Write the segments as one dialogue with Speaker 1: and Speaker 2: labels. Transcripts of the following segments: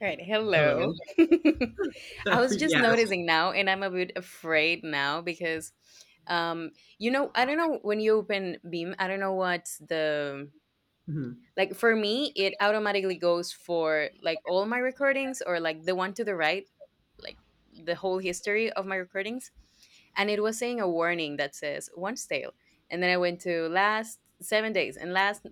Speaker 1: All right.
Speaker 2: Hello.
Speaker 1: Hello.
Speaker 2: So
Speaker 1: I was just
Speaker 2: yeah.
Speaker 1: noticing now, and I'm a bit afraid now because, um, you know, I don't know when you open Beam. I don't know what's the
Speaker 2: Mhm.
Speaker 1: like for me, it automatically goes for like all my recordings or like the one to the right, like the whole history of my recordings. And it was saying a warning that says one stale. And then I went to last 7 days and last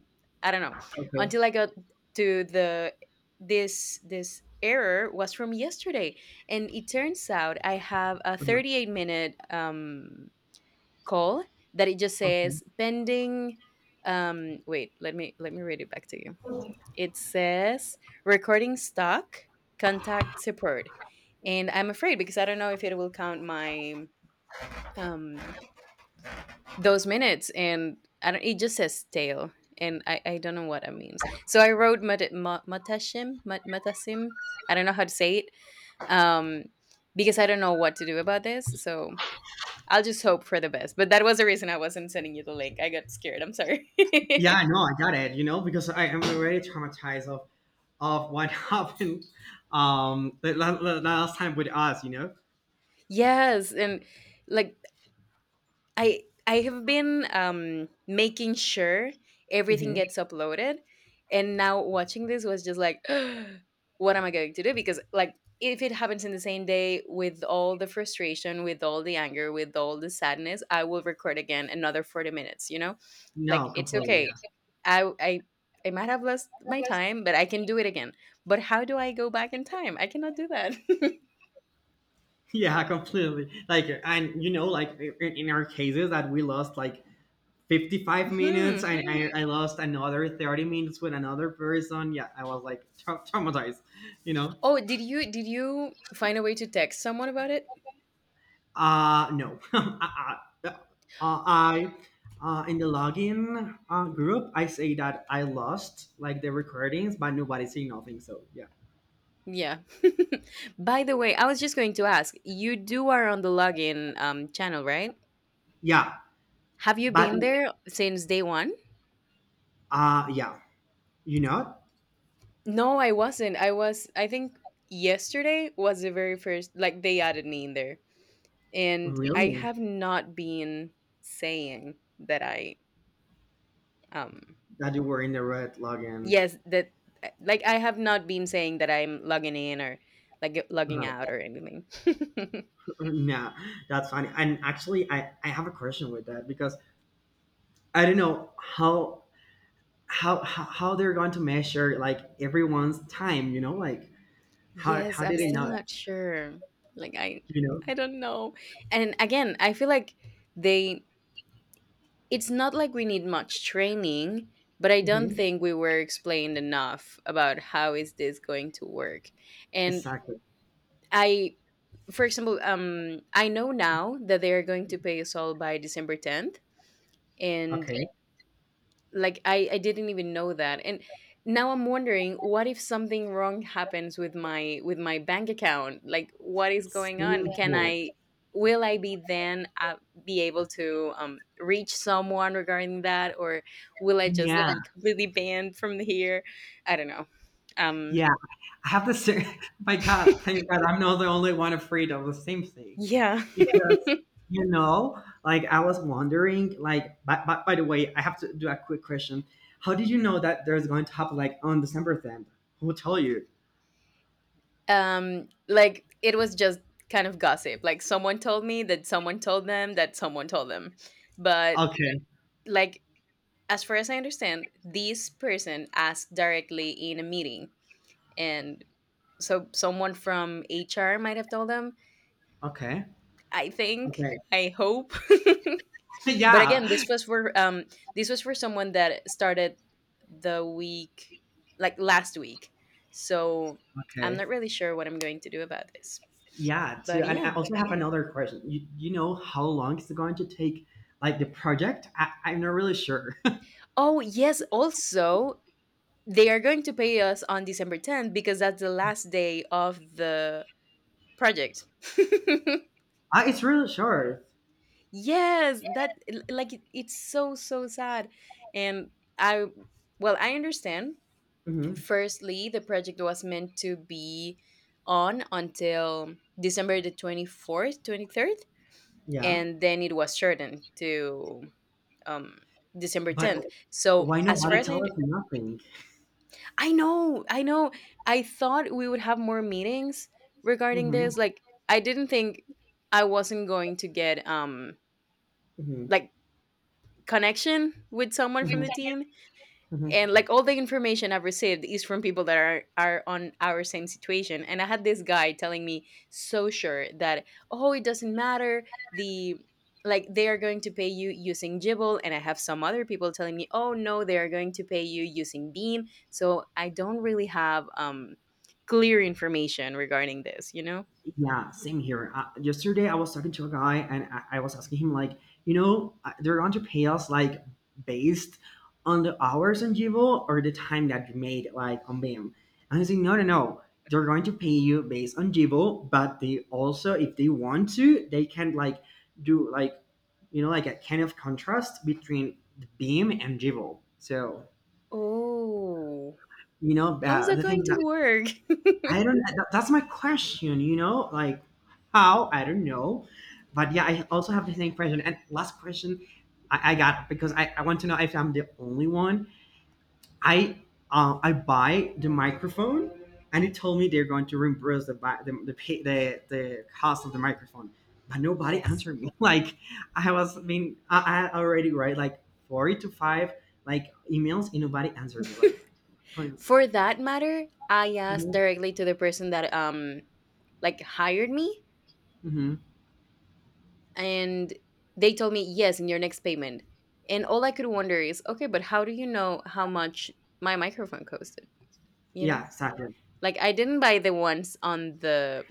Speaker 1: I don't know.
Speaker 2: Okay.
Speaker 1: Until I got to the this error was from yesterday. And it turns out I have a
Speaker 2: Mhm.
Speaker 1: 38 minute call that it just
Speaker 2: Okay.
Speaker 1: says pending. Wait, let me read it back to you. It says recording stock, contact support. And I'm afraid because I don't know if it will count my um those minutes, and I don't, it just says stale, and I don't know what it means. So I wrote Matashim, Matasim. I don't know how to say it. Um because I don't know what to do about this. So I'll just hope for the best. But that was the reason I wasn't sending you the link. I got scared. I'm sorry.
Speaker 2: Yeah, I know. I got it. You know, because I am already traumatized of what happened the, last time with us.
Speaker 1: Yes, and like I have been making sure everything
Speaker 2: Hmm
Speaker 1: gets uploaded, and now watching this was just like what am I going to do, because like if it happens in the same day, with all the frustration, with all the anger, with all the sadness, I will record again another 40 minutes, you know? Like
Speaker 2: No,
Speaker 1: it's
Speaker 2: completely.
Speaker 1: okay,
Speaker 2: Yeah.
Speaker 1: I I might have lost my time, but I can do it again. But how do I go back in time? I cannot do that.
Speaker 2: Yeah, completely. Like, in our cases that we lost 55 minutes
Speaker 1: Hmm.
Speaker 2: and I lost another 30 minutes with another person. Yeah, I was like traumatized, you know.
Speaker 1: Oh, did you find a way to text someone about it?
Speaker 2: No. I, uh, I In the login group, I say that I lost like the recordings, but nobody say nothing. So yeah,
Speaker 1: Yeah. By the way, I was just going to ask, you do are on the login channel, right?
Speaker 2: yeah,
Speaker 1: Have you
Speaker 2: but
Speaker 1: been there since day one?
Speaker 2: yeah, you know,
Speaker 1: No, I wasn't. I was, I think yesterday was the very first, like they added me in there. And I
Speaker 2: really,
Speaker 1: have not been saying that I um
Speaker 2: that you were in the red login.
Speaker 1: yes, that like I have not been saying that I'm logging in or like logging out
Speaker 2: Uh-huh.
Speaker 1: or anything.
Speaker 2: Nah, that's funny. And actually, I have a question with that because I don't know how how they're going to measure like everyone's time. You know, like
Speaker 1: Yes,
Speaker 2: how
Speaker 1: I'm
Speaker 2: did they
Speaker 1: still
Speaker 2: know?
Speaker 1: not sure. Like
Speaker 2: You
Speaker 1: I don't know. And again, I feel like they, it's not like we need much training, but I
Speaker 2: know,
Speaker 1: don't
Speaker 2: hmm
Speaker 1: think we were explained enough about how is this going to work. And
Speaker 2: exactly.
Speaker 1: I, for example, I know now that they are going to pay us all by December 10th, and
Speaker 2: Okay.
Speaker 1: like I didn't even know that. And now I'm wondering, what if something wrong happens with my bank account? Like what is
Speaker 2: It's
Speaker 1: going on? Can
Speaker 2: Thank
Speaker 1: I, will I be then be able to reach someone regarding that, or will I just
Speaker 2: yeah,
Speaker 1: be completely banned from here? I don't know. um
Speaker 2: yeah, yeah. I have the same. My God, thank God, I'm not the only one afraid of the same thing,
Speaker 1: yeah.
Speaker 2: yeah, because you know, like I was wondering, like, but by the way, I have to do a quick question. How did you know that there's going to happen like on December 10th? Who told you?
Speaker 1: Like it was just kind of gossip, like someone told me that someone told them that someone told them. But
Speaker 2: Okay,
Speaker 1: like, as far as I understand, this person asked directly in a meeting, and so someone from HR might have told them.
Speaker 2: okay,
Speaker 1: I think.
Speaker 2: okay.
Speaker 1: I hope. But
Speaker 2: Yeah,
Speaker 1: again, this was for someone that started the week, like last week. So I'm
Speaker 2: okay,
Speaker 1: not really sure what I'm going to do about this.
Speaker 2: yeah. Too,
Speaker 1: But
Speaker 2: and I
Speaker 1: yeah.
Speaker 2: also have another question. You know how long is it going to take? Like the project? I'm not really sure.
Speaker 1: Oh yes. Also, they are going to pay us on December 10th because that's the last day of the project.
Speaker 2: Ah, it's really short,
Speaker 1: Yes, that like it, it's so so sad. And I, well, I understand.
Speaker 2: hmm.
Speaker 1: Firstly, the project was meant to be on until December the 24th, 23rd,
Speaker 2: Yeah.
Speaker 1: and then it was shortened to um December
Speaker 2: But
Speaker 1: 10th. So,
Speaker 2: why
Speaker 1: as far
Speaker 2: nobody
Speaker 1: as I,
Speaker 2: tell us nothing?
Speaker 1: I know, I know, I thought we would have more meetings regarding
Speaker 2: Hmm
Speaker 1: this. Like, I didn't think I wasn't going to get
Speaker 2: hmm hmm
Speaker 1: like connection with someone from the team,
Speaker 2: hmm
Speaker 1: and like all the information I've received is from people that are on our same situation. And I had this guy telling me so sure that, oh, it doesn't matter the like they are going to pay you using Jibble, and I have some other people telling me, "Oh no, they are going to pay you using Beam." So I don't really have clear information regarding this, you know?
Speaker 2: Yeah, same here. Yesterday, I was talking to a guy and I was asking him, like, you know, they're going to pay us like based on the hours on Jivo or the time that you made like on BIM. And he's like, no, no, no. They're going to pay you based on Jivo, but they also, if they want to, they can like do like, you know, like a kind of contrast between the beam and Jivo. So,
Speaker 1: Oh.
Speaker 2: you know,
Speaker 1: How's that
Speaker 2: the thing
Speaker 1: going to work?
Speaker 2: I don't know. That's my question, you know, like how? I don't know. But yeah, I also have the same question. And last question I got because I want to know if I'm the only one. I I buy the microphone and it told me they're going to reimburse the the cost of the microphone. But nobody
Speaker 1: Yes.
Speaker 2: answered me. Like I was being I already write like 40 to 5 like emails and nobody answered me. Like going,
Speaker 1: For that matter, I asked directly to the person that like hired me,
Speaker 2: hmm
Speaker 1: and they told me yes, in your next payment. And all I could wonder is, okay, but how do you know how much my microphone costed? You know?
Speaker 2: yeah, exactly.
Speaker 1: Like I didn't buy the ones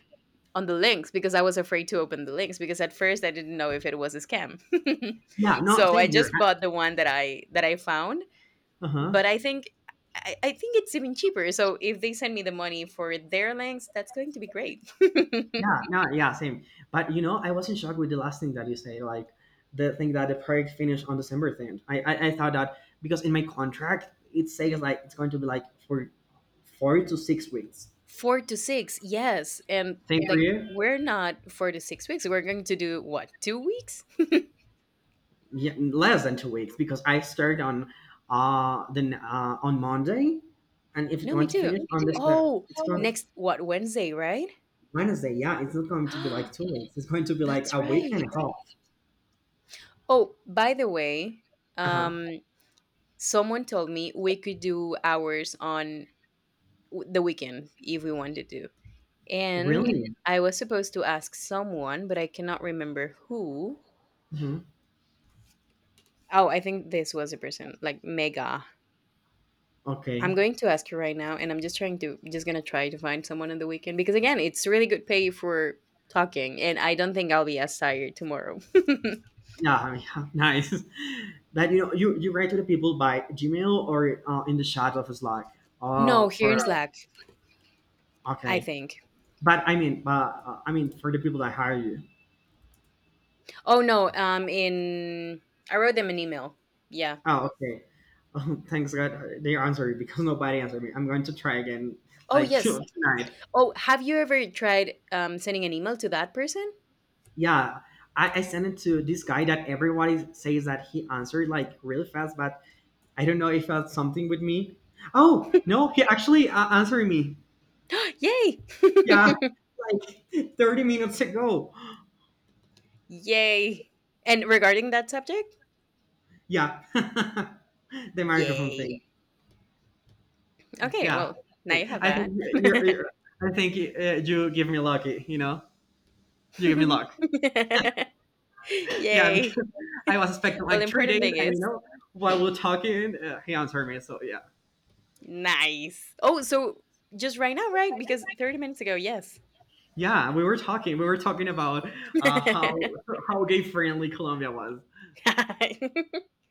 Speaker 1: on the links, because I was afraid to open the links, because at first I didn't know if it was a scam.
Speaker 2: Yeah, no,
Speaker 1: So
Speaker 2: same
Speaker 1: I
Speaker 2: here.
Speaker 1: just bought the one that I found.
Speaker 2: Uh huh.
Speaker 1: But I think I think it's even cheaper. So if they send me the money for their lengths, that's going to be great.
Speaker 2: Yeah, no, yeah, same. But you know, I was in shock with the last thing that you say, like the thing that the project finished on December 10th. I thought that because in my contract it says like it's going to be like for 4 to 6 weeks.
Speaker 1: Four to six, yes. And
Speaker 2: Same for
Speaker 1: like,
Speaker 2: you?
Speaker 1: we're not 4 to 6 weeks. We're going to do what, 2 weeks?
Speaker 2: Yeah, less than 2 weeks because I started on then on Monday, and if it's
Speaker 1: No,
Speaker 2: going
Speaker 1: me
Speaker 2: to
Speaker 1: too.
Speaker 2: finish on this
Speaker 1: Oh,
Speaker 2: it's going
Speaker 1: next what, Wednesday, right?
Speaker 2: Wednesday. Yeah, it's not going to be like 2 weeks. It's going to be like
Speaker 1: That's
Speaker 2: a week and
Speaker 1: right.
Speaker 2: a half.
Speaker 1: Oh, by the way,
Speaker 2: Uh huh.
Speaker 1: um someone told me we could do ours on the weekend if we wanted to. And
Speaker 2: Really?
Speaker 1: I was supposed to ask someone, but I cannot remember who.
Speaker 2: Hmm
Speaker 1: Oh, I think this was a person, like Mega. I'm
Speaker 2: Okay.
Speaker 1: going to ask her right now, and I'm just trying to, just gonna try to find someone on the weekend, because again, it's really good pay for talking, and I don't think I'll be as tired tomorrow.
Speaker 2: Yeah, yeah, nice. But you know, you write to the people by Gmail or in the chat of Slack.
Speaker 1: No, here
Speaker 2: For
Speaker 1: in
Speaker 2: No,
Speaker 1: Slack, I
Speaker 2: okay,
Speaker 1: think.
Speaker 2: but I mean for the people that hire you.
Speaker 1: Oh no, in I wrote them an email. Yeah.
Speaker 2: Oh, okay. Oh, thanks God, they answered me because nobody answered me. I'm going to try again,
Speaker 1: Oh
Speaker 2: like
Speaker 1: yes.
Speaker 2: tonight.
Speaker 1: Oh, have you ever tried sending an email to that person?
Speaker 2: Yeah, I sent it to this guy that everybody says that he answered like really fast, but I don't know if that's something with me. Oh no, he actually answered me.
Speaker 1: Yay!
Speaker 2: Yeah, like 30 minutes ago.
Speaker 1: Yay. And regarding that subject,
Speaker 2: Yeah, the microphone
Speaker 1: yay.
Speaker 2: thing.
Speaker 1: Okay,
Speaker 2: Yeah,
Speaker 1: well, now you have
Speaker 2: I think
Speaker 1: that.
Speaker 2: you're. you're you give me lucky. You know, you give me luck. Yeah, because
Speaker 1: Yay.
Speaker 2: I was expecting
Speaker 1: Well, the
Speaker 2: like three
Speaker 1: important
Speaker 2: days,
Speaker 1: thing
Speaker 2: and you
Speaker 1: is
Speaker 2: know, while we're talking, he answered me. So yeah,
Speaker 1: nice. Oh, so just right now, right? Because 30 minutes ago, yes.
Speaker 2: yeah, we were talking. We were talking about
Speaker 1: You
Speaker 2: uh, how how gay friendly Colombia was.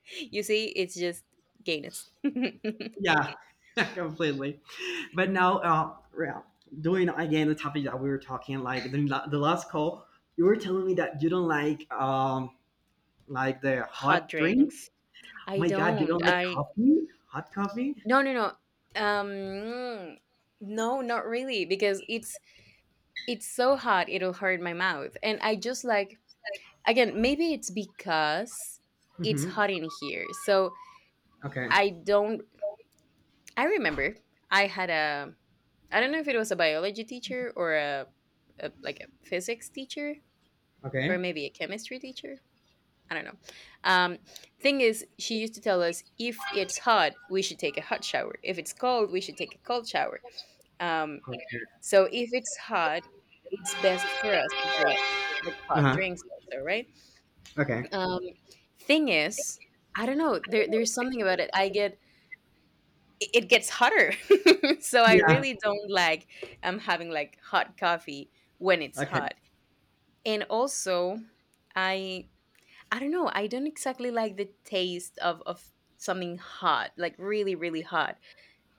Speaker 1: see, it's just gayness.
Speaker 2: Yeah, completely. But now, yeah, doing again the topic that we were talking like the, the last call, you were telling me that you don't like the
Speaker 1: Hot
Speaker 2: hot drink.
Speaker 1: drinks.
Speaker 2: Oh
Speaker 1: I
Speaker 2: my God, you
Speaker 1: don't.
Speaker 2: don't like
Speaker 1: I
Speaker 2: coffee? Hot coffee?
Speaker 1: no. Um no, not really, because it's so hot it'll hurt my mouth, and I just like, again, maybe it's because it's
Speaker 2: Mm-hmm.
Speaker 1: hot in here. So
Speaker 2: Okay.
Speaker 1: I don't, I remember I had a I don't know if it was a biology teacher, or a like a physics teacher, or
Speaker 2: Okay.
Speaker 1: maybe a chemistry teacher, I don't know. um Thing is, she used to tell us, if it's hot we should take a hot shower, if it's cold we should take a cold shower. um
Speaker 2: Okay.
Speaker 1: so if it's hot, it's best for us to drink like
Speaker 2: Uh
Speaker 1: hot
Speaker 2: huh.
Speaker 1: drinks also, right?
Speaker 2: Okay.
Speaker 1: Um, thing is, I don't know, there's something about it. I get it, it gets hotter. So I
Speaker 2: Yeah,
Speaker 1: really don't like I'm having like hot coffee when it's
Speaker 2: okay.
Speaker 1: hot. And also, I I don't know, I don't exactly like the taste of something hot, like really, really hot,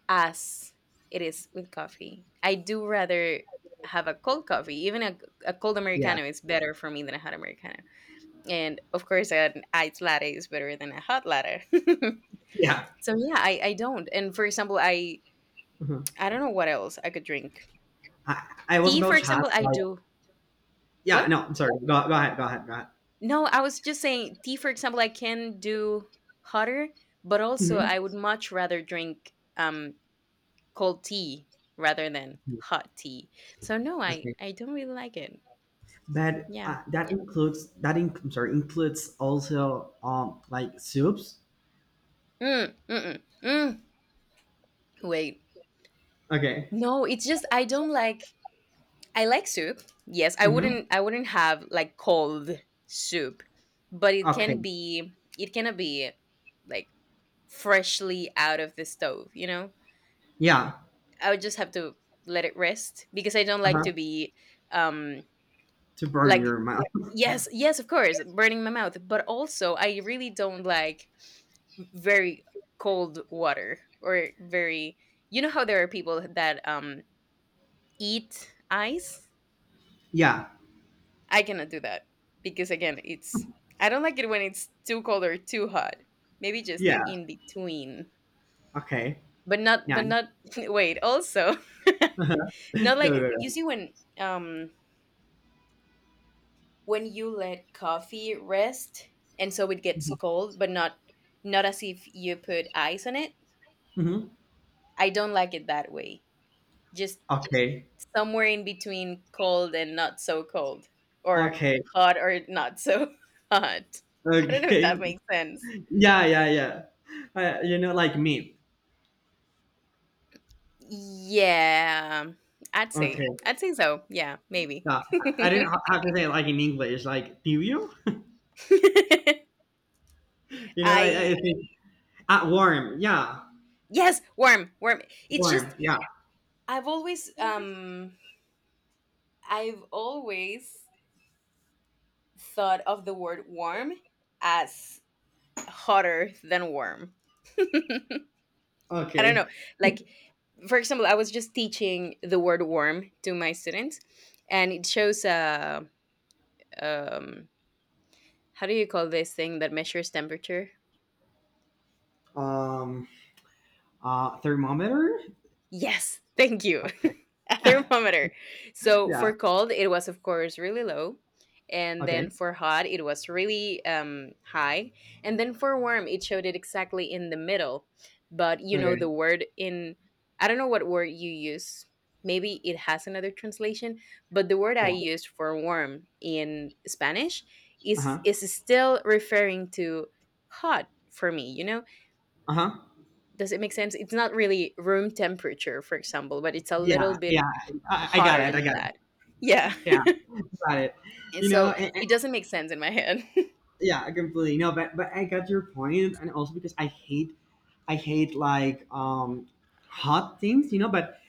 Speaker 1: as it is with coffee. I do rather have a cold coffee. Even a cold
Speaker 2: Yeah,
Speaker 1: Americano is better for me than a hot Americano. And of course, an iced latte is better than a hot latte.
Speaker 2: yeah.
Speaker 1: So yeah, I don't. And for example,
Speaker 2: Mhm.
Speaker 1: I don't know what else I could drink.
Speaker 2: I was
Speaker 1: Tea, for
Speaker 2: about to
Speaker 1: example,
Speaker 2: ask
Speaker 1: I
Speaker 2: like
Speaker 1: do.
Speaker 2: yeah,
Speaker 1: What?
Speaker 2: no, I'm sorry. Go, go ahead, go ahead, go ahead.
Speaker 1: No, I was just saying tea, for example, I can do hotter, but also
Speaker 2: Mhm.
Speaker 1: I would much rather drink cold tea rather than hot tea. So no,
Speaker 2: Okay,
Speaker 1: I don't really like it.
Speaker 2: but
Speaker 1: Yeah.
Speaker 2: that includes that. In, I'm sorry, includes also like soups.
Speaker 1: Mm, mm-mm, mm. Mm. Wait.
Speaker 2: Okay.
Speaker 1: No, it's just I don't like, I like soup. Yes, I
Speaker 2: Mm-hmm.
Speaker 1: wouldn't, I wouldn't have like cold soup, but it
Speaker 2: Okay,
Speaker 1: can be, it cannot be like freshly out of the stove, you know?
Speaker 2: yeah.
Speaker 1: I would just have to let it rest, because I don't
Speaker 2: Uh
Speaker 1: like
Speaker 2: huh.
Speaker 1: to be um
Speaker 2: To burn
Speaker 1: like
Speaker 2: your mouth.
Speaker 1: yes, yes, of course, burning my mouth, but also I really don't like very cold water, or very, you know how there are people that eat ice?
Speaker 2: Yeah,
Speaker 1: I cannot do that, because again, it's I don't like it when it's too cold or too hot. Maybe just
Speaker 2: yeah.
Speaker 1: in between,
Speaker 2: Okay.
Speaker 1: but not,
Speaker 2: Yeah.
Speaker 1: but not wait. Also,
Speaker 2: Go,
Speaker 1: not
Speaker 2: go,
Speaker 1: like you
Speaker 2: go.
Speaker 1: see um when you let coffee rest and so it gets
Speaker 2: Mhm,
Speaker 1: cold, but not not as if you put ice on it.
Speaker 2: mhm.
Speaker 1: I don't like it that way. Just
Speaker 2: Okay.
Speaker 1: somewhere in between cold and not so cold, or
Speaker 2: Okay.
Speaker 1: hot or not so hot. I don't know if
Speaker 2: Okay.
Speaker 1: that makes sense.
Speaker 2: Yeah, yeah, yeah. You know, like me.
Speaker 1: Yeah, I'd
Speaker 2: Okay.
Speaker 1: say. I'd say so. Yeah, maybe.
Speaker 2: Yeah. I didn't have to say it like in English. Like, do you? You know, I
Speaker 1: I
Speaker 2: think at warm. Yeah.
Speaker 1: yes, worm, worm. It's
Speaker 2: Warm.
Speaker 1: just
Speaker 2: Yeah.
Speaker 1: I've always um I've always thought of the word worm as hotter than worm. I don't
Speaker 2: Okay.
Speaker 1: know. Like for example, I was just teaching the word worm to my students and it shows a um how do you call this thing that measures temperature?
Speaker 2: Um. Thermometer.
Speaker 1: Yes, thank you. A
Speaker 2: Okay.
Speaker 1: thermometer. So
Speaker 2: Yeah.
Speaker 1: for cold, it was of course really low, and
Speaker 2: Okay.
Speaker 1: then for hot, it was really high, and then for warm, it showed it exactly in the middle. But you know
Speaker 2: Okay.
Speaker 1: the word I don't know what word you use. Maybe it has another translation, but the word I
Speaker 2: Yeah.
Speaker 1: used for warm in Spanish
Speaker 2: Uh
Speaker 1: is
Speaker 2: huh.
Speaker 1: is still referring to hot for me. You know,
Speaker 2: Uh huh.
Speaker 1: does it make sense? It's not really room temperature, for example, but it's a
Speaker 2: Yeah.
Speaker 1: little bit
Speaker 2: Yeah. I got
Speaker 1: hotter
Speaker 2: it. I
Speaker 1: than
Speaker 2: got
Speaker 1: that.
Speaker 2: it.
Speaker 1: Yeah.
Speaker 2: Yeah. Got it.
Speaker 1: And
Speaker 2: You
Speaker 1: so
Speaker 2: know.
Speaker 1: it doesn't make sense in my head.
Speaker 2: Yeah. Completely. No. But I got your point, and also because I hate like hot things, you know. But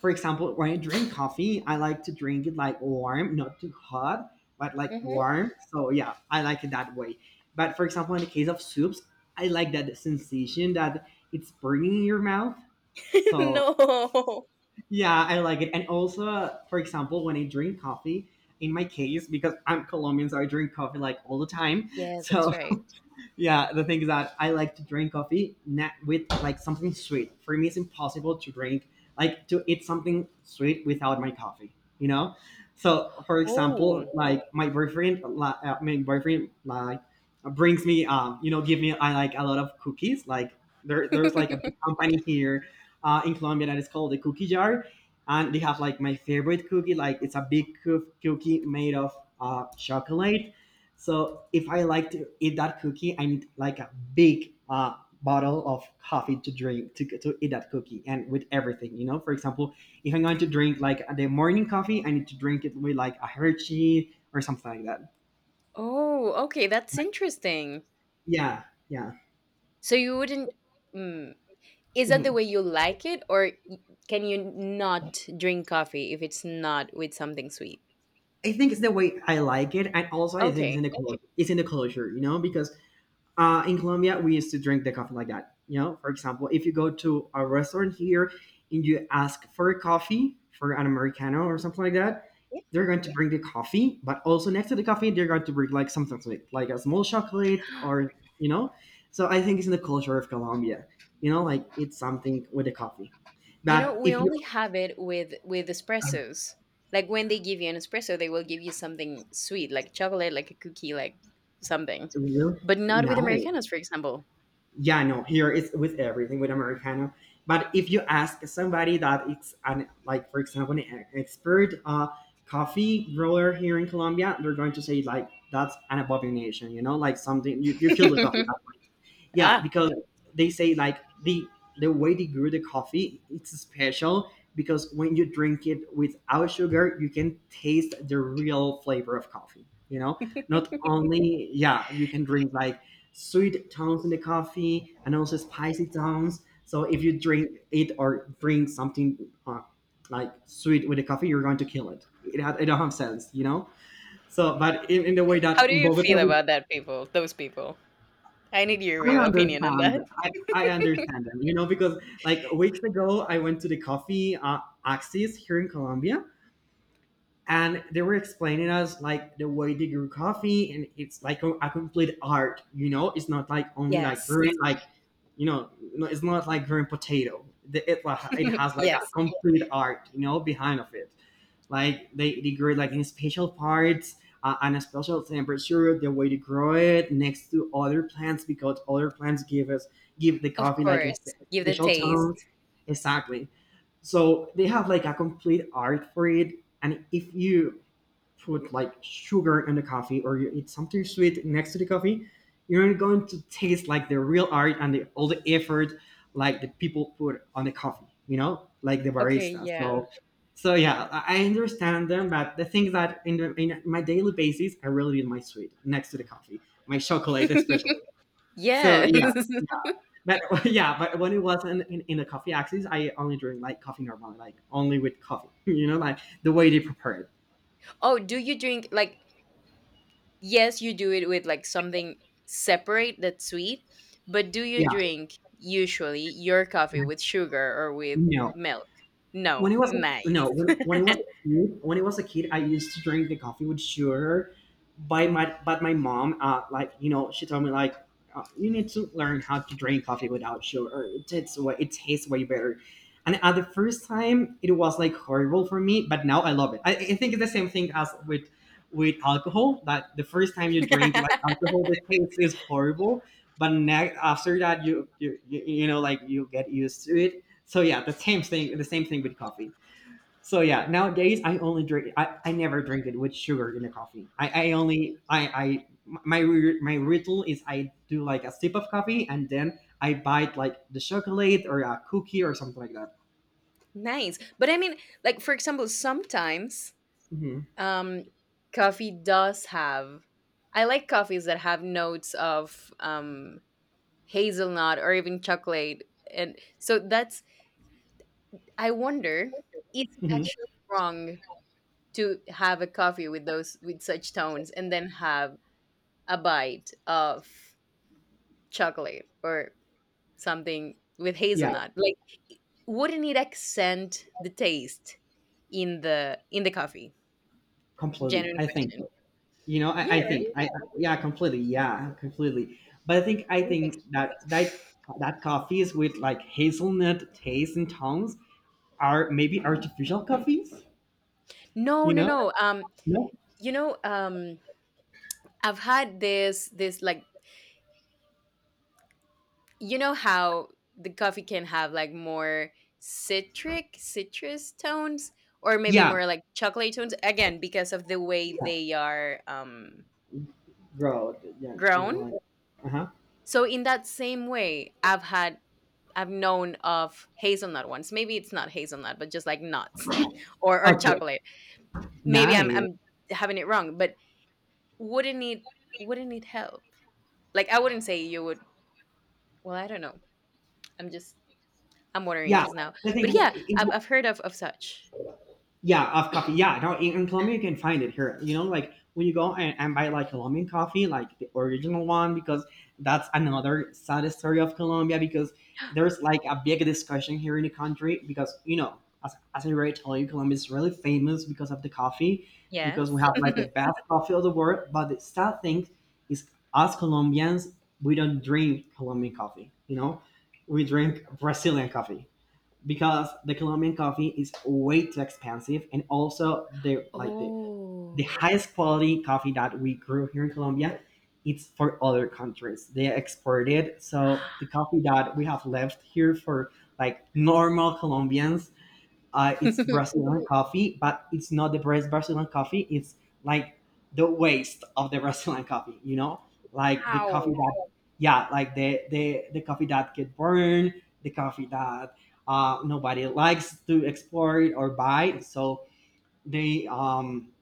Speaker 2: for example, when I drink coffee, I like to drink it like warm, not too hot, but like
Speaker 1: Mhm.
Speaker 2: warm. So yeah, I like it that way. But for example, in the case of soups, I like that sensation that it's burning in your mouth. So
Speaker 1: No.
Speaker 2: yeah, I like it. And also, for example, when I drink coffee, in my case, because I'm Colombian, so I drink coffee like all the time.
Speaker 1: Yes, that's
Speaker 2: So
Speaker 1: right.
Speaker 2: yeah, the thing is that I like to drink coffee na with like something sweet. For me, it's impossible to drink like to eat something sweet without my coffee. You know, so for example,
Speaker 1: Oh.
Speaker 2: like my boyfriend, my boyfriend like brings me, you know, give me I like a lot of cookies. Like there's like a big company here in Colombia that is called the Cookie Jar, and they have like my favorite cookie. Like it's a big cookie made of chocolate so if I like to eat that cookie, I need like a big bottle of coffee to drink to eat that cookie and with everything, you know. For example, if I'm going to drink like the morning coffee, I need to drink it with like a Hershey or something like that.
Speaker 1: Oh, okay, that's interesting.
Speaker 2: Yeah, yeah.
Speaker 1: So you wouldn't, mm, is that the
Speaker 2: Mhm.
Speaker 1: way you like it, or can you not drink coffee if it's not with something sweet?
Speaker 2: I think it's the way I like it, and also I think it's in
Speaker 1: Okay.
Speaker 2: the culture. It's in the culture, you know, because uh, in Colombia, we used to drink the coffee like that. You know, for example, if you go to a restaurant here and you ask for a coffee, for an Americano or something like that, they're going to bring the coffee, but also next to the coffee, they're going to bring like something sweet, like a small chocolate or, you know. So I think it's in the culture of Colombia, you know, like it's something with the coffee.
Speaker 1: You
Speaker 2: But
Speaker 1: know, we
Speaker 2: if you,
Speaker 1: only have it with espressos. Like when they give you an espresso, they will give you something sweet, like chocolate, like a cookie, like something.
Speaker 2: you know,
Speaker 1: But not with
Speaker 2: nice.
Speaker 1: Americanos, for example.
Speaker 2: Yeah, no, here is with everything with Americano. But if you ask somebody that it's an, like, for example, an expert coffee grower here in Colombia, they're going to say like that's an abomination, you know, like something you kill the coffee. Yeah,
Speaker 1: ah,
Speaker 2: because they say like the the way they grew the coffee, it's special because when you drink it without sugar, you can taste the real flavor of coffee. You know, not only yeah, you can drink like sweet tones in the coffee and also spicy tones. So if you drink it or drink something uh, like sweet with the coffee, you're going to kill it. It, it don't have sense, you know. So, but in the way
Speaker 1: how
Speaker 2: that
Speaker 1: do
Speaker 2: in
Speaker 1: you feel
Speaker 2: Bogota
Speaker 1: about that people, those people? I need your
Speaker 2: I
Speaker 1: real opinion on
Speaker 2: understand.
Speaker 1: that.
Speaker 2: I understand them, you know, because like weeks ago, I went to the coffee Axis here in Colombia, and they were explaining us like the way they grew coffee, and it's like a complete art, you know. It's not like only like
Speaker 1: Yes.
Speaker 2: growing like, you know, no, it's not like growing potato. The, it has like a
Speaker 1: Yes.
Speaker 2: complete art, you know, behind of it like they grow it like in special parts and a special temperature, the way to grow it next to other plants because other plants give the
Speaker 1: Of
Speaker 2: coffee like a
Speaker 1: course. Give the
Speaker 2: special
Speaker 1: taste.
Speaker 2: tone. Exactly, so they have like a complete art for it. And if you put like sugar in the coffee or you eat something sweet next to the coffee, you're going to taste like the real art and all the effort like the people put on the coffee, you know, like the
Speaker 1: Okay,
Speaker 2: barista.
Speaker 1: yeah.
Speaker 2: So yeah, I understand them, but the thing is that in my daily basis, I really need my sweet next to the coffee, my chocolate especially. So
Speaker 1: Yes.
Speaker 2: yeah, but yeah, but when it was in the coffee axis, I only drink like coffee normally, like only with coffee, you know, like the way they prepare it.
Speaker 1: Oh, do you drink like, yes, you do it with like something separate that's sweet, but do you
Speaker 2: Yeah.
Speaker 1: drink usually your coffee with sugar or with
Speaker 2: No.
Speaker 1: milk?
Speaker 2: When
Speaker 1: No,
Speaker 2: he was a, no,
Speaker 1: nice.
Speaker 2: when he was a kid, I used to drink the coffee with sugar. By my but my mom, like you know, she told me like you need to learn how to drink coffee without sugar. It tastes way— it tastes way better. And at the first time, it was like horrible for me, but now I love it. I think it's the same thing as with alcohol. That the first time you drink like alcohol, the taste is horrible, but after that you know, like, you get used to it. So yeah, the same thing with coffee. So yeah, nowadays I only drink. I never drink it with sugar in the coffee. I only I my my ritual is I do like a sip of coffee and then I bite like the chocolate or a cookie or something like that.
Speaker 1: Nice. But I mean, like for example, sometimes
Speaker 2: hmm
Speaker 1: um coffee does have, I like coffees that have notes of hazelnut or even chocolate, and so that's, I wonder, is it
Speaker 2: hmm
Speaker 1: actually wrong to have a coffee with those, with such tones, and then have a bite of chocolate or something with
Speaker 2: Yeah,
Speaker 1: hazelnut? Like, wouldn't it accent the taste in the coffee?
Speaker 2: completely.
Speaker 1: Genuine
Speaker 2: I think
Speaker 1: question.
Speaker 2: so. You know, I,
Speaker 1: Yeah,
Speaker 2: I think
Speaker 1: right.
Speaker 2: I yeah, completely. Yeah, completely. But I
Speaker 1: It makes—
Speaker 2: think that that coffees with like hazelnut taste and tones are maybe artificial coffees.
Speaker 1: no,
Speaker 2: You
Speaker 1: no,
Speaker 2: know.
Speaker 1: no,
Speaker 2: No?
Speaker 1: you know um I've had this, like, you know how the coffee can have like more citric citrus tones, or maybe
Speaker 2: Yeah.
Speaker 1: more like chocolate tones, again because of the way
Speaker 2: Yeah.
Speaker 1: they are
Speaker 2: Road. Yeah, you know,
Speaker 1: grown.
Speaker 2: like, uh huh.
Speaker 1: So in that same way I've known of hazelnut ones. Maybe it's not hazelnut, but just like nuts, or
Speaker 2: Okay.
Speaker 1: chocolate. Maybe i'm
Speaker 2: Nice.
Speaker 1: i'm having it wrong, but wouldn't it wouldn't it help? Like, I wouldn't say you would— well, I don't know. i'm just I'm wondering
Speaker 2: Yeah.
Speaker 1: just now.
Speaker 2: I
Speaker 1: But
Speaker 2: think, yeah.
Speaker 1: yeah, I've heard of such.
Speaker 2: Yeah, of coffee. Yeah, no, in Colombia you can find it here. You know, like when you go and buy like Colombian coffee, like the original one. Because that's another sad story of Colombia, because there's like a big discussion here in the country, because you know, as I already told you, Colombia is really famous because of the coffee, because
Speaker 1: Yes.
Speaker 2: we have like the best coffee of the world. But the sad thing is, us Colombians, we don't drink Colombian coffee. You know, we drink Brazilian coffee, because the Colombian coffee is way too expensive, and also the like the
Speaker 1: Oh.
Speaker 2: highest quality coffee that we grew here in Colombia, it's for other countries. They exported, so the coffee that we have left here for like normal Colombians, it's Brazilian coffee, but it's not the best Brazilian coffee. It's like the waste of the Brazilian coffee. You know, like the
Speaker 1: How?
Speaker 2: coffee that— yeah, like the coffee that get burned, the coffee that nobody likes to export or buy. So they—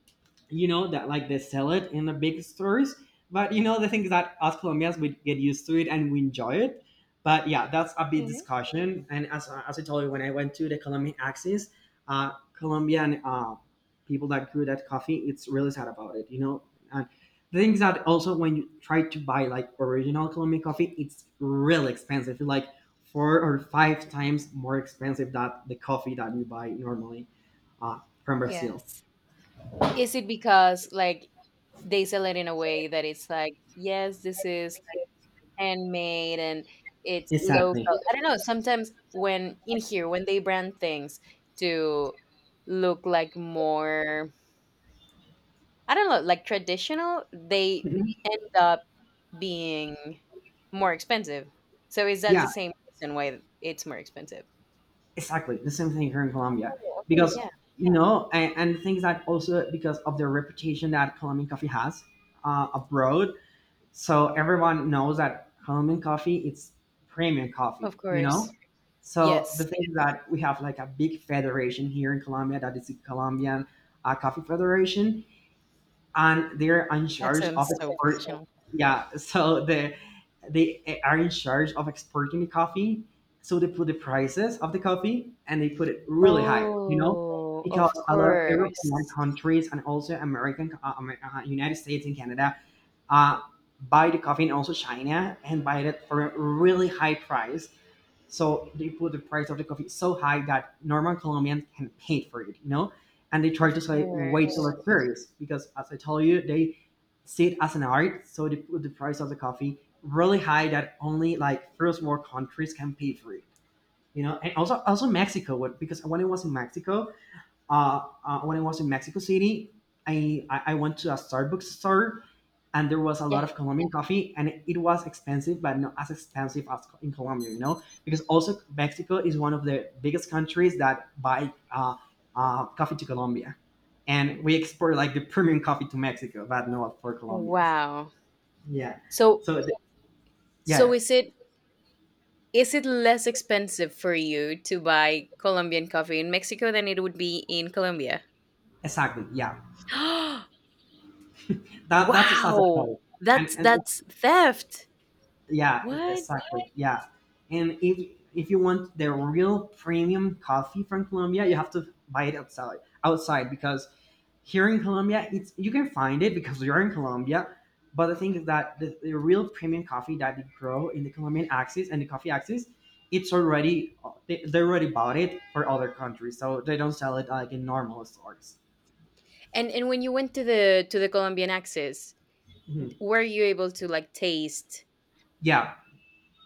Speaker 2: you know, that like they sell it in the big stores. But you know, the thing is that as Colombians we get used to it and we enjoy it. But yeah, that's a big
Speaker 1: Okay.
Speaker 2: discussion. And as I told you, when I went to the Colombian axis, Colombian, people that grew that coffee, it's really sad about it, you know. And the thing is that also when you try to buy like original Colombian coffee, it's really expensive. It's like four or five times more expensive than the coffee that you buy normally, uh, from Brazil.
Speaker 1: Yes. Is it because like they sell it in a way that it's like, yes, this is like handmade and it's local?
Speaker 2: Exactly.
Speaker 1: I don't know. Sometimes when in here, when they brand things to look like more, I don't know, like traditional, they end up being more expensive. So is that
Speaker 2: Yeah,
Speaker 1: the same reason why it's more expensive?
Speaker 2: exactly. The same thing here in Colombia.
Speaker 1: Oh, okay.
Speaker 2: Because,
Speaker 1: Yeah.
Speaker 2: you know, and the that also because of the reputation that Colombian coffee has, abroad. So everyone knows that Colombian coffee it's premium coffee,
Speaker 1: Of
Speaker 2: you know?
Speaker 1: course.
Speaker 2: So the
Speaker 1: Yes.
Speaker 2: thing is that we have like a big federation here in Colombia that is the Colombian, Coffee Federation. And they're in
Speaker 1: That
Speaker 2: charge of
Speaker 1: sounds so
Speaker 2: export.
Speaker 1: professional.
Speaker 2: Yeah, so they are in charge of exporting the coffee. So they put the prices of the coffee and they put it really high, you know,
Speaker 1: Oh,
Speaker 2: because
Speaker 1: of
Speaker 2: a lot of European
Speaker 1: course.
Speaker 2: countries, and also American, United States and Canada, uh, buy the coffee, and also China, and buy it for a really high price. So they put the price of the coffee so high that normal Colombians can pay for it, you know? And they try
Speaker 1: Of
Speaker 2: to say way too
Speaker 1: course.
Speaker 2: luxurious because, as I told you, they see it as an art. So they put the price of the coffee really high that only like first world countries can pay for it, you know? And also, also Mexico, because when I was in Mexico, uh, when I was in Mexico City, I went to a Starbucks store and there was a
Speaker 1: Yeah.
Speaker 2: lot of Colombian coffee, and it was expensive, but not as expensive as in Colombia, you know, because also Mexico is one of the biggest countries that buy, coffee to Colombia, and we export like the premium coffee to Mexico, but not for Colombians.
Speaker 1: Wow.
Speaker 2: Yeah.
Speaker 1: So
Speaker 2: So th-
Speaker 1: so
Speaker 2: yeah,
Speaker 1: is it, is it less expensive for you to buy Colombian coffee in Mexico than it would be in Colombia?
Speaker 2: exactly. Yeah, that that's a
Speaker 1: Wow.
Speaker 2: satisfying, and
Speaker 1: That's
Speaker 2: and
Speaker 1: that's theft.
Speaker 2: yeah,
Speaker 1: What?
Speaker 2: exactly. Yeah, and if you want the real premium coffee from Colombia, you have to buy it outside— outside. Because here in Colombia, it's— you can find it because you're in Colombia. But the thing is that the real premium coffee that they grow in the Colombian axis and the coffee axis, it's already— they already bought it for other countries, so they don't sell it like in normal stores.
Speaker 1: And when you went to the, to the Colombian Axis,
Speaker 2: Mhm.
Speaker 1: were you able to like taste
Speaker 2: Yeah,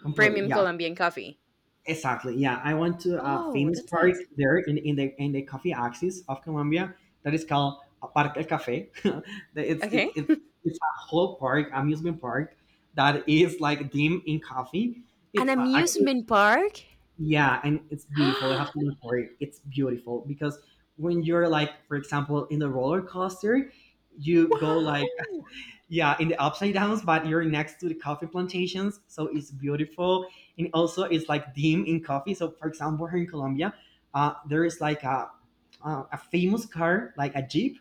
Speaker 2: completely.
Speaker 1: premium
Speaker 2: Yeah,
Speaker 1: Colombian coffee?
Speaker 2: exactly. Yeah, I went to a
Speaker 1: Oh,
Speaker 2: famous
Speaker 1: that's
Speaker 2: park
Speaker 1: nice.
Speaker 2: there in the coffee axis of Colombia that is called Parque El Café. The- it's it,
Speaker 1: Okay.
Speaker 2: it's it's a whole park, amusement park that is like dim in coffee.
Speaker 1: An
Speaker 2: Actually,
Speaker 1: amusement park?
Speaker 2: yeah, and it's beautiful. You have to look for it. It's beautiful because when you're like, for example, in the roller coaster, you go like—
Speaker 1: Wow.
Speaker 2: yeah, in the upside downs, but you're next to the coffee plantations, so it's beautiful. And also it's like dim in coffee. So for example, here in Colombia, there is like a famous car, like a jeep,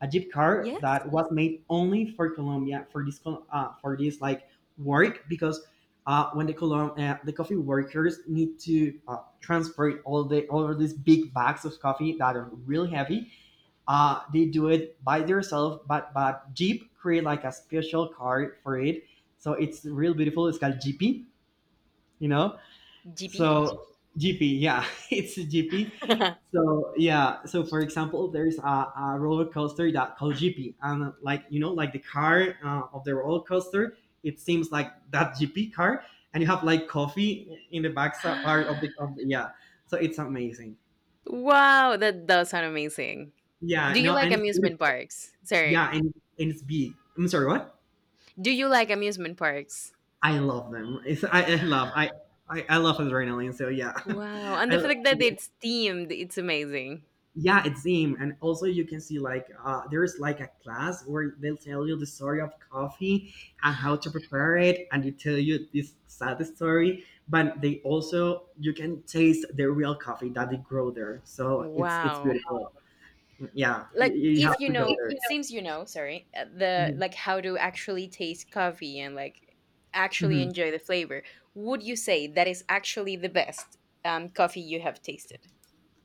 Speaker 2: a jeep car,
Speaker 1: Yes,
Speaker 2: that was made only for Colombia, for this for this like work. Because when the the coffee workers need to transport all the all of these big bags of coffee that are really heavy, they do it by themselves, but— but Jeep create like a special car for it. So it's real beautiful. It's called GP, you know.
Speaker 1: GP.
Speaker 2: So GP, yeah, it's GP. So yeah, so for example, there's a roller coaster that called GP, and like you know, like the car, of the roller coaster, it seems like that GP car, and you have like coffee in the back side part of of the— yeah. So it's amazing.
Speaker 1: Wow, that does sound amazing.
Speaker 2: Yeah,
Speaker 1: Do you
Speaker 2: no,
Speaker 1: like
Speaker 2: and it's
Speaker 1: amusement
Speaker 2: beautiful.
Speaker 1: parks? Sorry.
Speaker 2: Yeah, and, and it's big. I'm sorry, what?
Speaker 1: Do you like amusement parks?
Speaker 2: I love them. It's, I love adrenaline. So yeah,
Speaker 1: Wow. And
Speaker 2: I,
Speaker 1: the
Speaker 2: lo-—
Speaker 1: fact that it's themed, it's amazing.
Speaker 2: yeah, it's him. And also you can see like, there's like a class where they'll tell you the story of coffee and how to prepare it, and they tell you this sad story. But they also— you can taste the real coffee that they grow there. So it's— it's
Speaker 1: Wow.
Speaker 2: beautiful. Yeah,
Speaker 1: Like
Speaker 2: you have
Speaker 1: if you
Speaker 2: to go
Speaker 1: know,
Speaker 2: there.
Speaker 1: since you know, sorry, the, like, how to actually taste coffee and like actually
Speaker 2: Mhm.
Speaker 1: enjoy the flavor, would you say that is actually the best coffee you have tasted?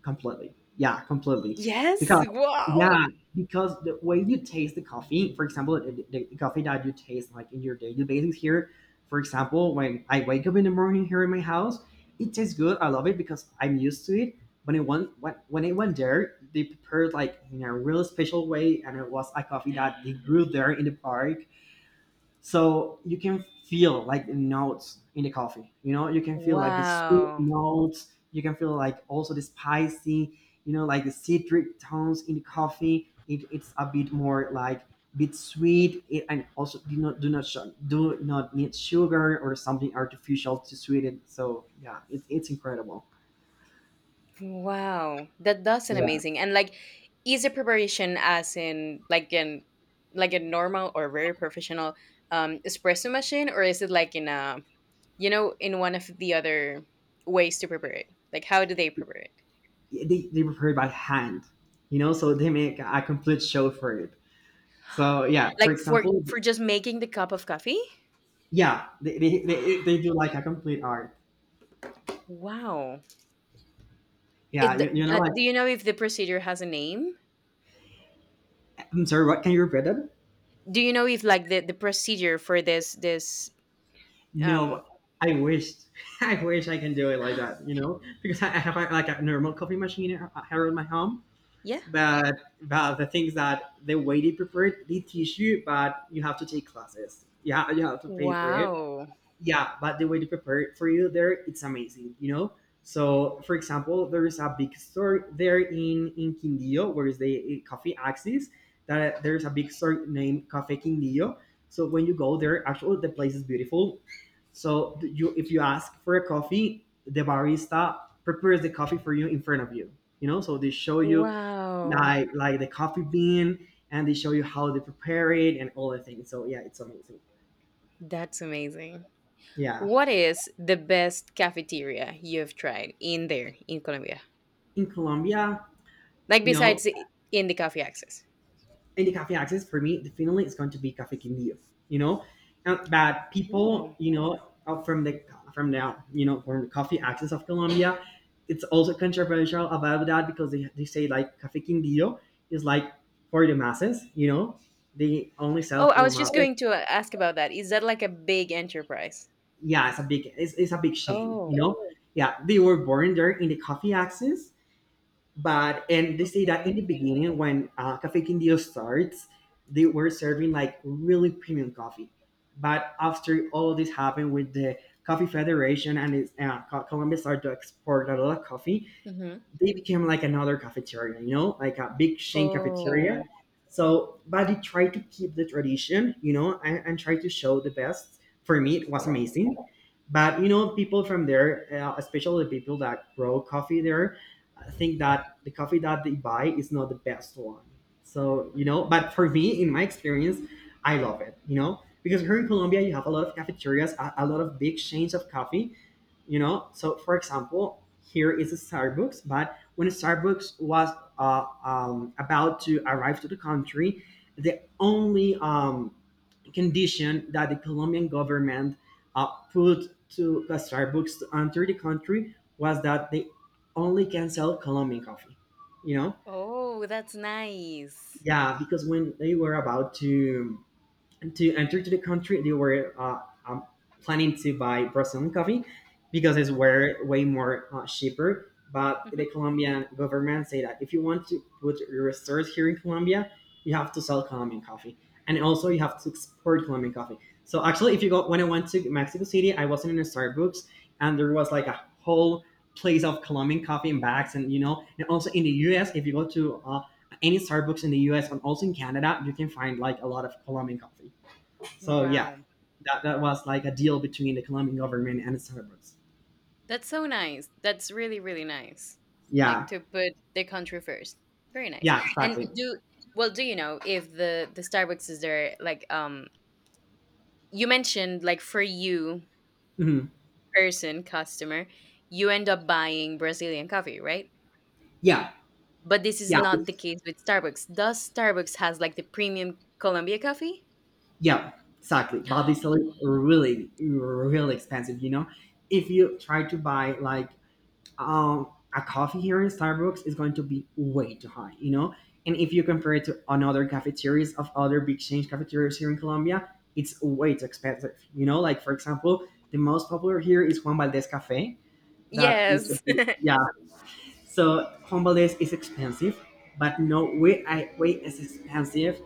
Speaker 2: Completely. Yeah, completely.
Speaker 1: Yes,
Speaker 2: Because
Speaker 1: wow.
Speaker 2: yeah, because the way you taste the coffee, for example, the coffee that you taste like in your daily basis here, for example, when I wake up in the morning here in my house, it tastes good. I love it because I'm used to it. When I went there, they prepared like in a real special way, and it was a coffee that they grew there in the park, so you can feel like the notes in the coffee, you know, you can feel like the sweet
Speaker 1: Wow.
Speaker 2: notes, you can feel like also the spicy, you know, like the citric tones in the coffee. It's a bit more like bit sweet it, and also do not— do not need sugar or something artificial to sweeten it. So yeah, it's incredible.
Speaker 1: Wow. That, that's an
Speaker 2: Yeah,
Speaker 1: amazing. And like, is the preparation as in like in, like a normal or very professional espresso machine, or is it like in a, you know, in one of the other ways to prepare it? Like how do they prepare it?
Speaker 2: they prepare it by hand, you know, so they make a complete show for it. So yeah, for
Speaker 1: Like, for
Speaker 2: example—
Speaker 1: for just making the cup of coffee?
Speaker 2: yeah, they do like a complete art.
Speaker 1: Wow.
Speaker 2: Yeah,
Speaker 1: It,
Speaker 2: you know, like—
Speaker 1: do you know if the procedure has a name?
Speaker 2: I'm sorry, what? Can you repeat that?
Speaker 1: Do you know if like the procedure for this, um
Speaker 2: No, I wish, I wish I can do it like that, you know, because I— I have like a normal coffee machine here in my home.
Speaker 1: yeah.
Speaker 2: But, but the things that the way they prepare it, they teach you, but you have to take classes. Yeah, you have to pay for it.
Speaker 1: Wow.
Speaker 2: Yeah, but the way they prepare it for you there, it's amazing, you know. So for example, there is a big store there in Quindío, where is the coffee axis, that there's a big store named Cafe Quindío. So when you go there, actually the place is beautiful. So you, if you ask for a coffee, the barista prepares the coffee for you in front of you, you know, so they show you
Speaker 1: Wow.
Speaker 2: like the coffee bean, and they show you how they prepare it and all the things. So yeah, it's amazing.
Speaker 1: That's amazing.
Speaker 2: Yeah.
Speaker 1: What is the best cafeteria you've tried in there in Colombia?
Speaker 2: In Colombia,
Speaker 1: Like
Speaker 2: you know,
Speaker 1: besides in the coffee access?
Speaker 2: in the cafe access, for me, definitely it's going to be Cafe Quindío, you know. But
Speaker 1: Ooh.
Speaker 2: people, you know, from the from the coffee access of Colombia, it's also controversial about that, because they say like Cafe Quindío is like for the masses, you know, they only sell
Speaker 1: Oh, I
Speaker 2: for
Speaker 1: was
Speaker 2: the
Speaker 1: just
Speaker 2: masses.
Speaker 1: going to, ask about that. Is that like a big enterprise?
Speaker 2: Yeah, it's a big it's a big shame, you
Speaker 1: Oh,
Speaker 2: know. Yeah, they were born there in the coffee access. But and they say that in
Speaker 1: okay.
Speaker 2: the beginning, when Cafe Quindío starts, they were serving like really premium coffee. But after all this happened with the Coffee Federation, and it's, Colombia started to export a lot of coffee,
Speaker 1: Mm-hmm.
Speaker 2: they became like another cafeteria, you know, like a big chain cafeteria.
Speaker 1: Oh,
Speaker 2: So, but they tried to keep the tradition, you know, and try to show the best. For me, it was amazing. But, you know, people from there, especially the people that grow coffee there, think that the coffee that they buy is not the best one. So, you know, but for me, in my experience, I love it, you know, because here in Colombia, you have a lot of cafeterias, a lot of big chains of coffee, you know. So for example, here is a Starbucks, but when Starbucks was about to arrive to the country, the only condition that the Colombian government put to the Starbucks to enter the country was that they only can sell Colombian coffee, you know.
Speaker 1: oh, that's nice.
Speaker 2: Yeah, because when they were about to enter to the country, they were um, planning to buy Brazilian coffee because it's were way more cheaper. But the
Speaker 1: Mm-hmm.
Speaker 2: Colombian government say that if you want to put your stores here in Colombia, you have to sell Colombian coffee, and also you have to export Colombian coffee. So actually, if you go, when I went to Mexico City, I wasn't in a Starbucks, and there was like a whole place of Colombian coffee in bags, and you know, and also in the U.S. If you go to any Starbucks in the U.S. and also in Canada, you can find like a lot of Colombian coffee. So yeah,
Speaker 1: Wow.
Speaker 2: that was like a deal between the Colombian government and Starbucks.
Speaker 1: That's so nice. That's really, really nice. Like
Speaker 2: Yeah,
Speaker 1: to put the country first. Very nice.
Speaker 2: yeah,
Speaker 1: And
Speaker 2: exactly.
Speaker 1: do, well, do you know if the, the Starbucks is there like, you mentioned like for you
Speaker 2: Hmm.
Speaker 1: person customer, you end up buying Brazilian coffee, right?
Speaker 2: Yeah,
Speaker 1: But this is
Speaker 2: yeah,
Speaker 1: not the case with Starbucks. Does Starbucks has like the premium Colombia coffee?
Speaker 2: yeah, exactly. But these are really, really expensive. You know, if you try to buy like a coffee here in Starbucks, it's going to be way too high. You know, and if you compare it to another cafeterias of other big chain cafeterias here in Colombia, it's way too expensive. You know, like for example, the most popular here is Juan Valdez Cafe. That is the
Speaker 1: Yes.
Speaker 2: yeah. So Convalesce is expensive, but no way I way as expensive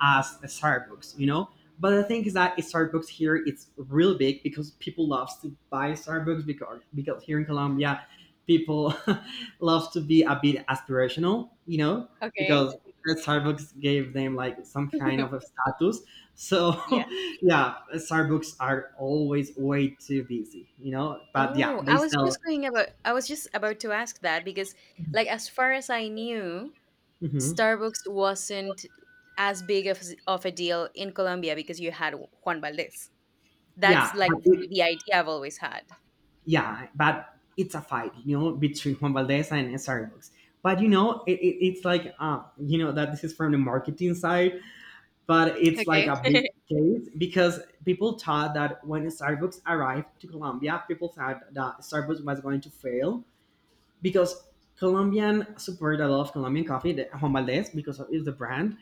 Speaker 2: as a Starbucks, you know? But the thing is that Starbucks here it's real big, because people love to buy Starbucks, because here in Colombia, people love to be a bit aspirational, you know,
Speaker 1: Okay.
Speaker 2: because Starbucks gave them like some kind of a status. So
Speaker 1: Yeah.
Speaker 2: yeah, Starbucks are always way too busy, you know. But yeah,
Speaker 1: Oh,
Speaker 2: they
Speaker 1: I was
Speaker 2: sell.
Speaker 1: just going about, I was just about to ask that, because like, as far as I knew,
Speaker 2: Mhm.
Speaker 1: Starbucks wasn't as big of a deal in Colombia because you had Juan Valdez.
Speaker 2: Yeah,
Speaker 1: That's like
Speaker 2: but
Speaker 1: the idea I've always had.
Speaker 2: yeah, but it's a fight, you know, between Juan Valdez and Starbucks. But you know, it's like you know, that this is from the marketing side, but it's like
Speaker 1: Okay.
Speaker 2: a big case, because people thought that when Starbucks arrived to Colombia, people thought that Starbucks was going to fail because Colombian support a lot of Colombian coffee, the Juan Valdez, because of- is the brand.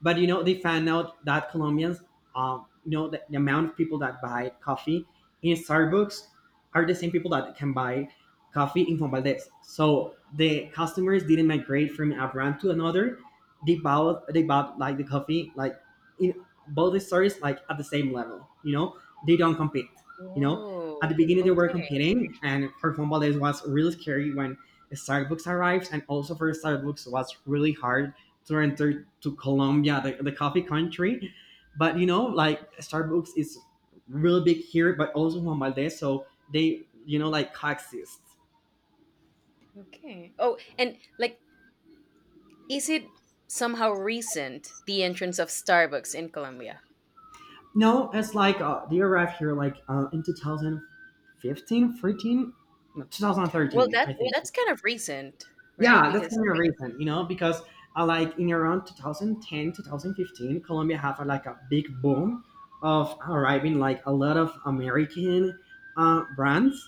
Speaker 2: But you know, they found out that Colombians, you know, the amount of people that buy coffee in Starbucks are the same people that can buy coffee in Juan Valdez. So the customers didn't migrate from a brand to another. They bought like the coffee like in both the stores like at the same level. You know, they don't compete. You know, at the
Speaker 1: Oh,
Speaker 2: beginning they were
Speaker 1: okay,
Speaker 2: competing, and for Juan Valdez was really scary when Starbucks arrived, and also for Starbucks was really hard to enter to Colombia, the coffee country. But you know, like Starbucks is really big here, but also Juan Valdez, so they you know like coexist.
Speaker 1: okay. Oh, and like, is it somehow recent the entrance of Starbucks in Colombia?
Speaker 2: No, it's like they arrived here like in 2015, no,
Speaker 1: Well,
Speaker 2: 2013, I
Speaker 1: that's
Speaker 2: think.
Speaker 1: that's kind of recent, right?
Speaker 2: Yeah, that's
Speaker 1: Because
Speaker 2: kind of reason, you know, because like in around 2010, 2015, Colombia have like a big boom of arriving like a lot of American brands.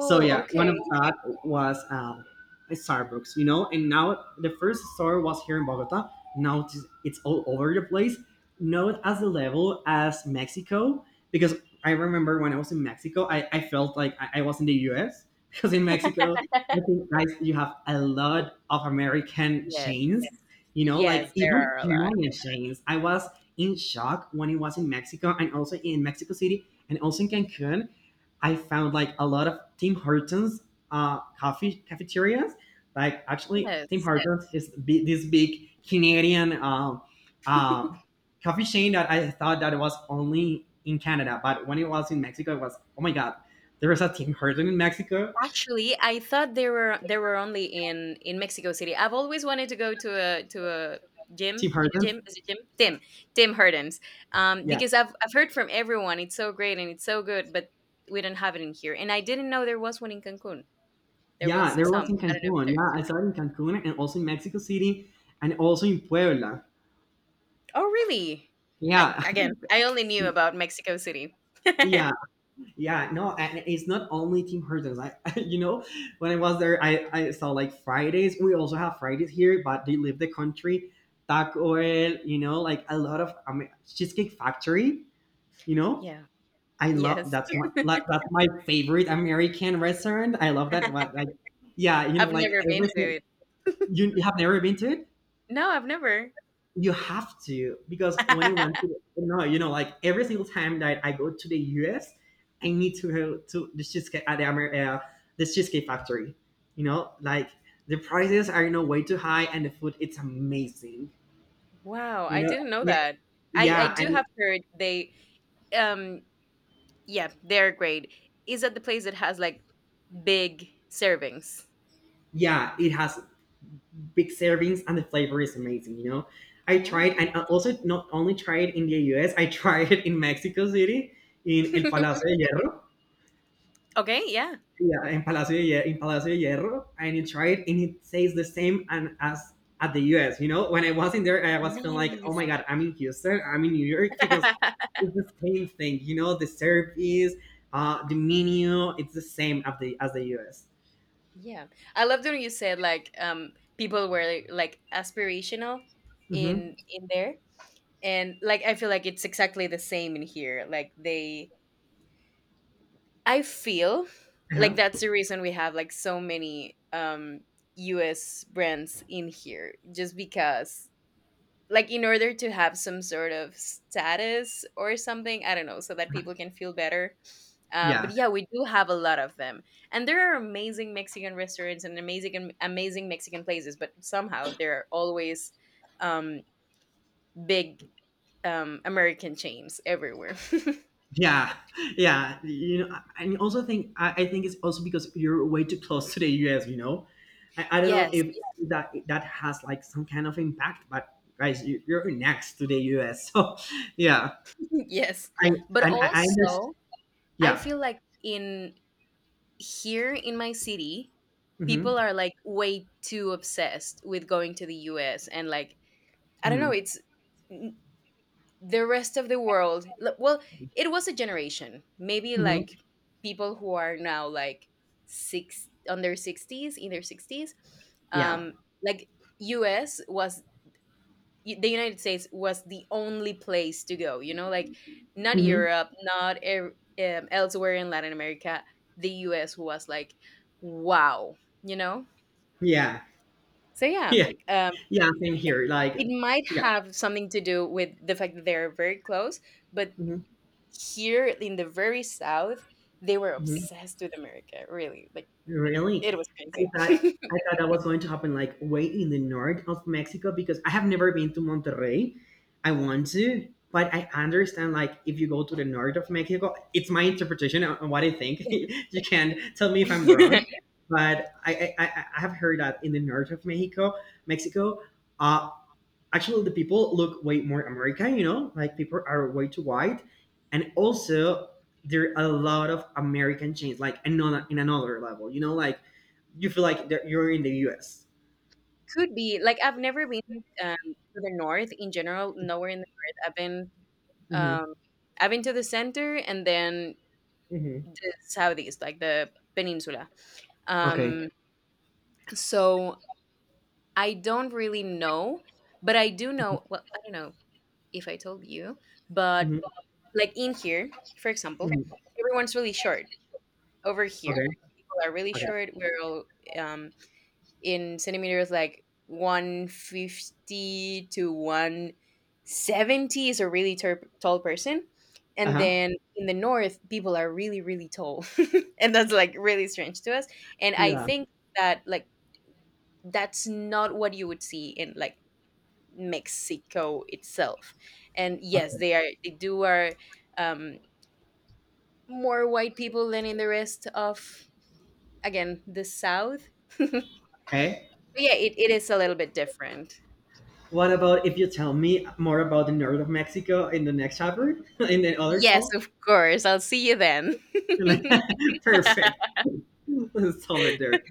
Speaker 2: So yeah, one of
Speaker 1: okay,
Speaker 2: that was a Starbucks, you know. And now the first store was here in Bogota. Now it's all over the place. Not as the level as Mexico, because I remember when I was in Mexico, I felt like I was in the U.S. Because in Mexico, I think guys, you have a lot of American
Speaker 1: yes,
Speaker 2: chains, you know, like
Speaker 1: yes, there
Speaker 2: even
Speaker 1: are a lot.
Speaker 2: Hawaiian chains. I was in shock when it was in Mexico and also in Mexico City and also in Cancun. I found like a lot of Tim Hortons coffee cafeterias. Like actually, Tim
Speaker 1: Yes,
Speaker 2: Hortons is bi- this big Canadian uh, coffee chain that I thought that it was only in Canada, but when it was in Mexico, it was oh my god, there was a Tim Hortons in Mexico.
Speaker 1: actually I thought they were, they were only in Mexico City. I've always wanted to go to a, to a gym.
Speaker 2: Tim Hortons,
Speaker 1: Jim, is it Jim? Tim. Tim Hortons.
Speaker 2: yeah,
Speaker 1: Because I've heard from everyone it's so great and it's so good, but we don't have it in here. And I didn't know there was one in Cancun. There
Speaker 2: yeah,
Speaker 1: was
Speaker 2: there
Speaker 1: some.
Speaker 2: was in
Speaker 1: I don't know if
Speaker 2: Cancun. Yeah, I
Speaker 1: there's—
Speaker 2: saw it in Cancun and also in Mexico City and also in Puebla.
Speaker 1: oh really? I,
Speaker 2: Yeah,
Speaker 1: again, I only knew about Mexico City.
Speaker 2: yeah. Yeah, no, and it's not only Tim Hortons. You know, when I was there, I saw like Fridays. We also have Fridays here, but they leave the country. Taco El, you know, like a lot of I mean, Cheesecake Factory. You know,
Speaker 1: Yeah.
Speaker 2: I love
Speaker 1: Yes.
Speaker 2: that's my favorite American restaurant. I love that. But like, yeah, you know,
Speaker 1: I've
Speaker 2: like
Speaker 1: never been to
Speaker 2: everything.
Speaker 1: it.
Speaker 2: You have never been to it?
Speaker 1: No, I've never.
Speaker 2: You have to, because when I went to no, you know, like every single time that I go to the U.S., I need to go to the cheesecake at the the cheesecake factory. You know, like the prices are you know way too high, and the food it's amazing.
Speaker 1: Wow,
Speaker 2: You
Speaker 1: I
Speaker 2: know,
Speaker 1: didn't know
Speaker 2: yeah,
Speaker 1: that. I
Speaker 2: yeah,
Speaker 1: do have
Speaker 2: and
Speaker 1: heard they— Um, yeah, they're great. Is at the place that has like big servings?
Speaker 2: yeah, it has big servings and the flavor is amazing. You know, I tried,
Speaker 1: Nice.
Speaker 2: and I also not only tried in the U.S., I tried it in Mexico City in El Palacio de Hierro.
Speaker 1: Okay, yeah.
Speaker 2: Yeah, in Palacio de Hierro, and you try it, and it tastes the same and as at the U.S. You know, when I was in there, I was feeling like, oh
Speaker 1: Nice.
Speaker 2: my god, I'm in Houston, I'm in New York, because it's the same thing. You know, the service, the menu, it's the same as the U.S.
Speaker 1: Yeah. I loved when you said like people were like aspirational
Speaker 2: Hmm.
Speaker 1: in there. And like I feel like it's exactly the same in here. Like they, I feel
Speaker 2: Uh-huh.
Speaker 1: like that's the reason we have like so many US brands in here, just because, like, in order to have some sort of status or something, I don't know, so that people can feel better. Um, but
Speaker 2: Yeah.
Speaker 1: yeah, we do have a lot of them, and there are amazing Mexican restaurants and amazing, amazing Mexican places, but somehow there are always, um, big, American chains everywhere.
Speaker 2: Yeah, yeah. You know, I also think I think it's also because you're way too close to the US. You know, I don't know
Speaker 1: Yes.
Speaker 2: if that has like some kind of impact, but guys, you're next to the U.S., so yeah.
Speaker 1: Yes,
Speaker 2: I
Speaker 1: but
Speaker 2: I understand.
Speaker 1: also I
Speaker 2: Yeah.
Speaker 1: feel like in here in my city people
Speaker 2: Hmm.
Speaker 1: are like way too obsessed with going to the US, and like, I don't know.
Speaker 2: Hmm.
Speaker 1: It's the rest of the world. Well, it was a generation. Maybe
Speaker 2: Hmm.
Speaker 1: like people who are now like six on their sixties, in their sixties.
Speaker 2: Yeah.
Speaker 1: Um, like U.S. was, the United States was the only place to go. You know, like not
Speaker 2: Hmm.
Speaker 1: Europe, not elsewhere in Latin America. The U.S. was like, wow. You know.
Speaker 2: Yeah.
Speaker 1: So yeah,
Speaker 2: Yeah.
Speaker 1: um,
Speaker 2: Yeah. Same
Speaker 1: it,
Speaker 2: here. Like.
Speaker 1: it might
Speaker 2: Yeah.
Speaker 1: have something to do with the fact that they're very close, but
Speaker 2: Hmm.
Speaker 1: here in the very south they were
Speaker 2: Hmm.
Speaker 1: obsessed with America, really, like, it
Speaker 2: Really?
Speaker 1: was
Speaker 2: I
Speaker 1: crazy.
Speaker 2: thought I thought that was going to happen like way in the north of Mexico, because I have never been to Monterrey. I want to, but I understand like if you go to the north of Mexico, it's my interpretation on what I think. You can tell me if I'm wrong,
Speaker 1: Yeah.
Speaker 2: but I have heard that in the north of Mexico, Mexico. uh, actually the people look way more American, you know, like people are way too white, and also there are a lot of American chains, like another in another level, you know, like you feel like that you're in the U.S.
Speaker 1: Could be, like, I've never been, to the north in general, nowhere in the north I've been.
Speaker 2: Hmm.
Speaker 1: Um, I've been to the center and then
Speaker 2: Hmm.
Speaker 1: the southeast, like the peninsula.
Speaker 2: Okay.
Speaker 1: Um, so I don't really know, but I do know— well, I don't know if I told you, but,
Speaker 2: Hmm.
Speaker 1: like, in here, for example,
Speaker 2: Hmm.
Speaker 1: everyone's really short. Over here,
Speaker 2: Okay.
Speaker 1: people are really
Speaker 2: Okay.
Speaker 1: short. We're all, um, in centimeters, like 150 to 170 is a really tall person.
Speaker 2: Uh
Speaker 1: And
Speaker 2: huh.
Speaker 1: then in the north, people are really, really tall. And that's like really strange to us. And I
Speaker 2: Yeah.
Speaker 1: think that, like, that's not what you would see in like Mexico itself. And yes,
Speaker 2: Okay.
Speaker 1: they are, they do are, um more white people than in the rest of, again, the south. But
Speaker 2: Okay.
Speaker 1: yeah, it is a little bit different.
Speaker 2: What about if you tell me more about the north of Mexico in the next chapter, in the other
Speaker 1: Yes,
Speaker 2: call?
Speaker 1: of course, I'll see you then.
Speaker 2: Perfect. Let's stop it there.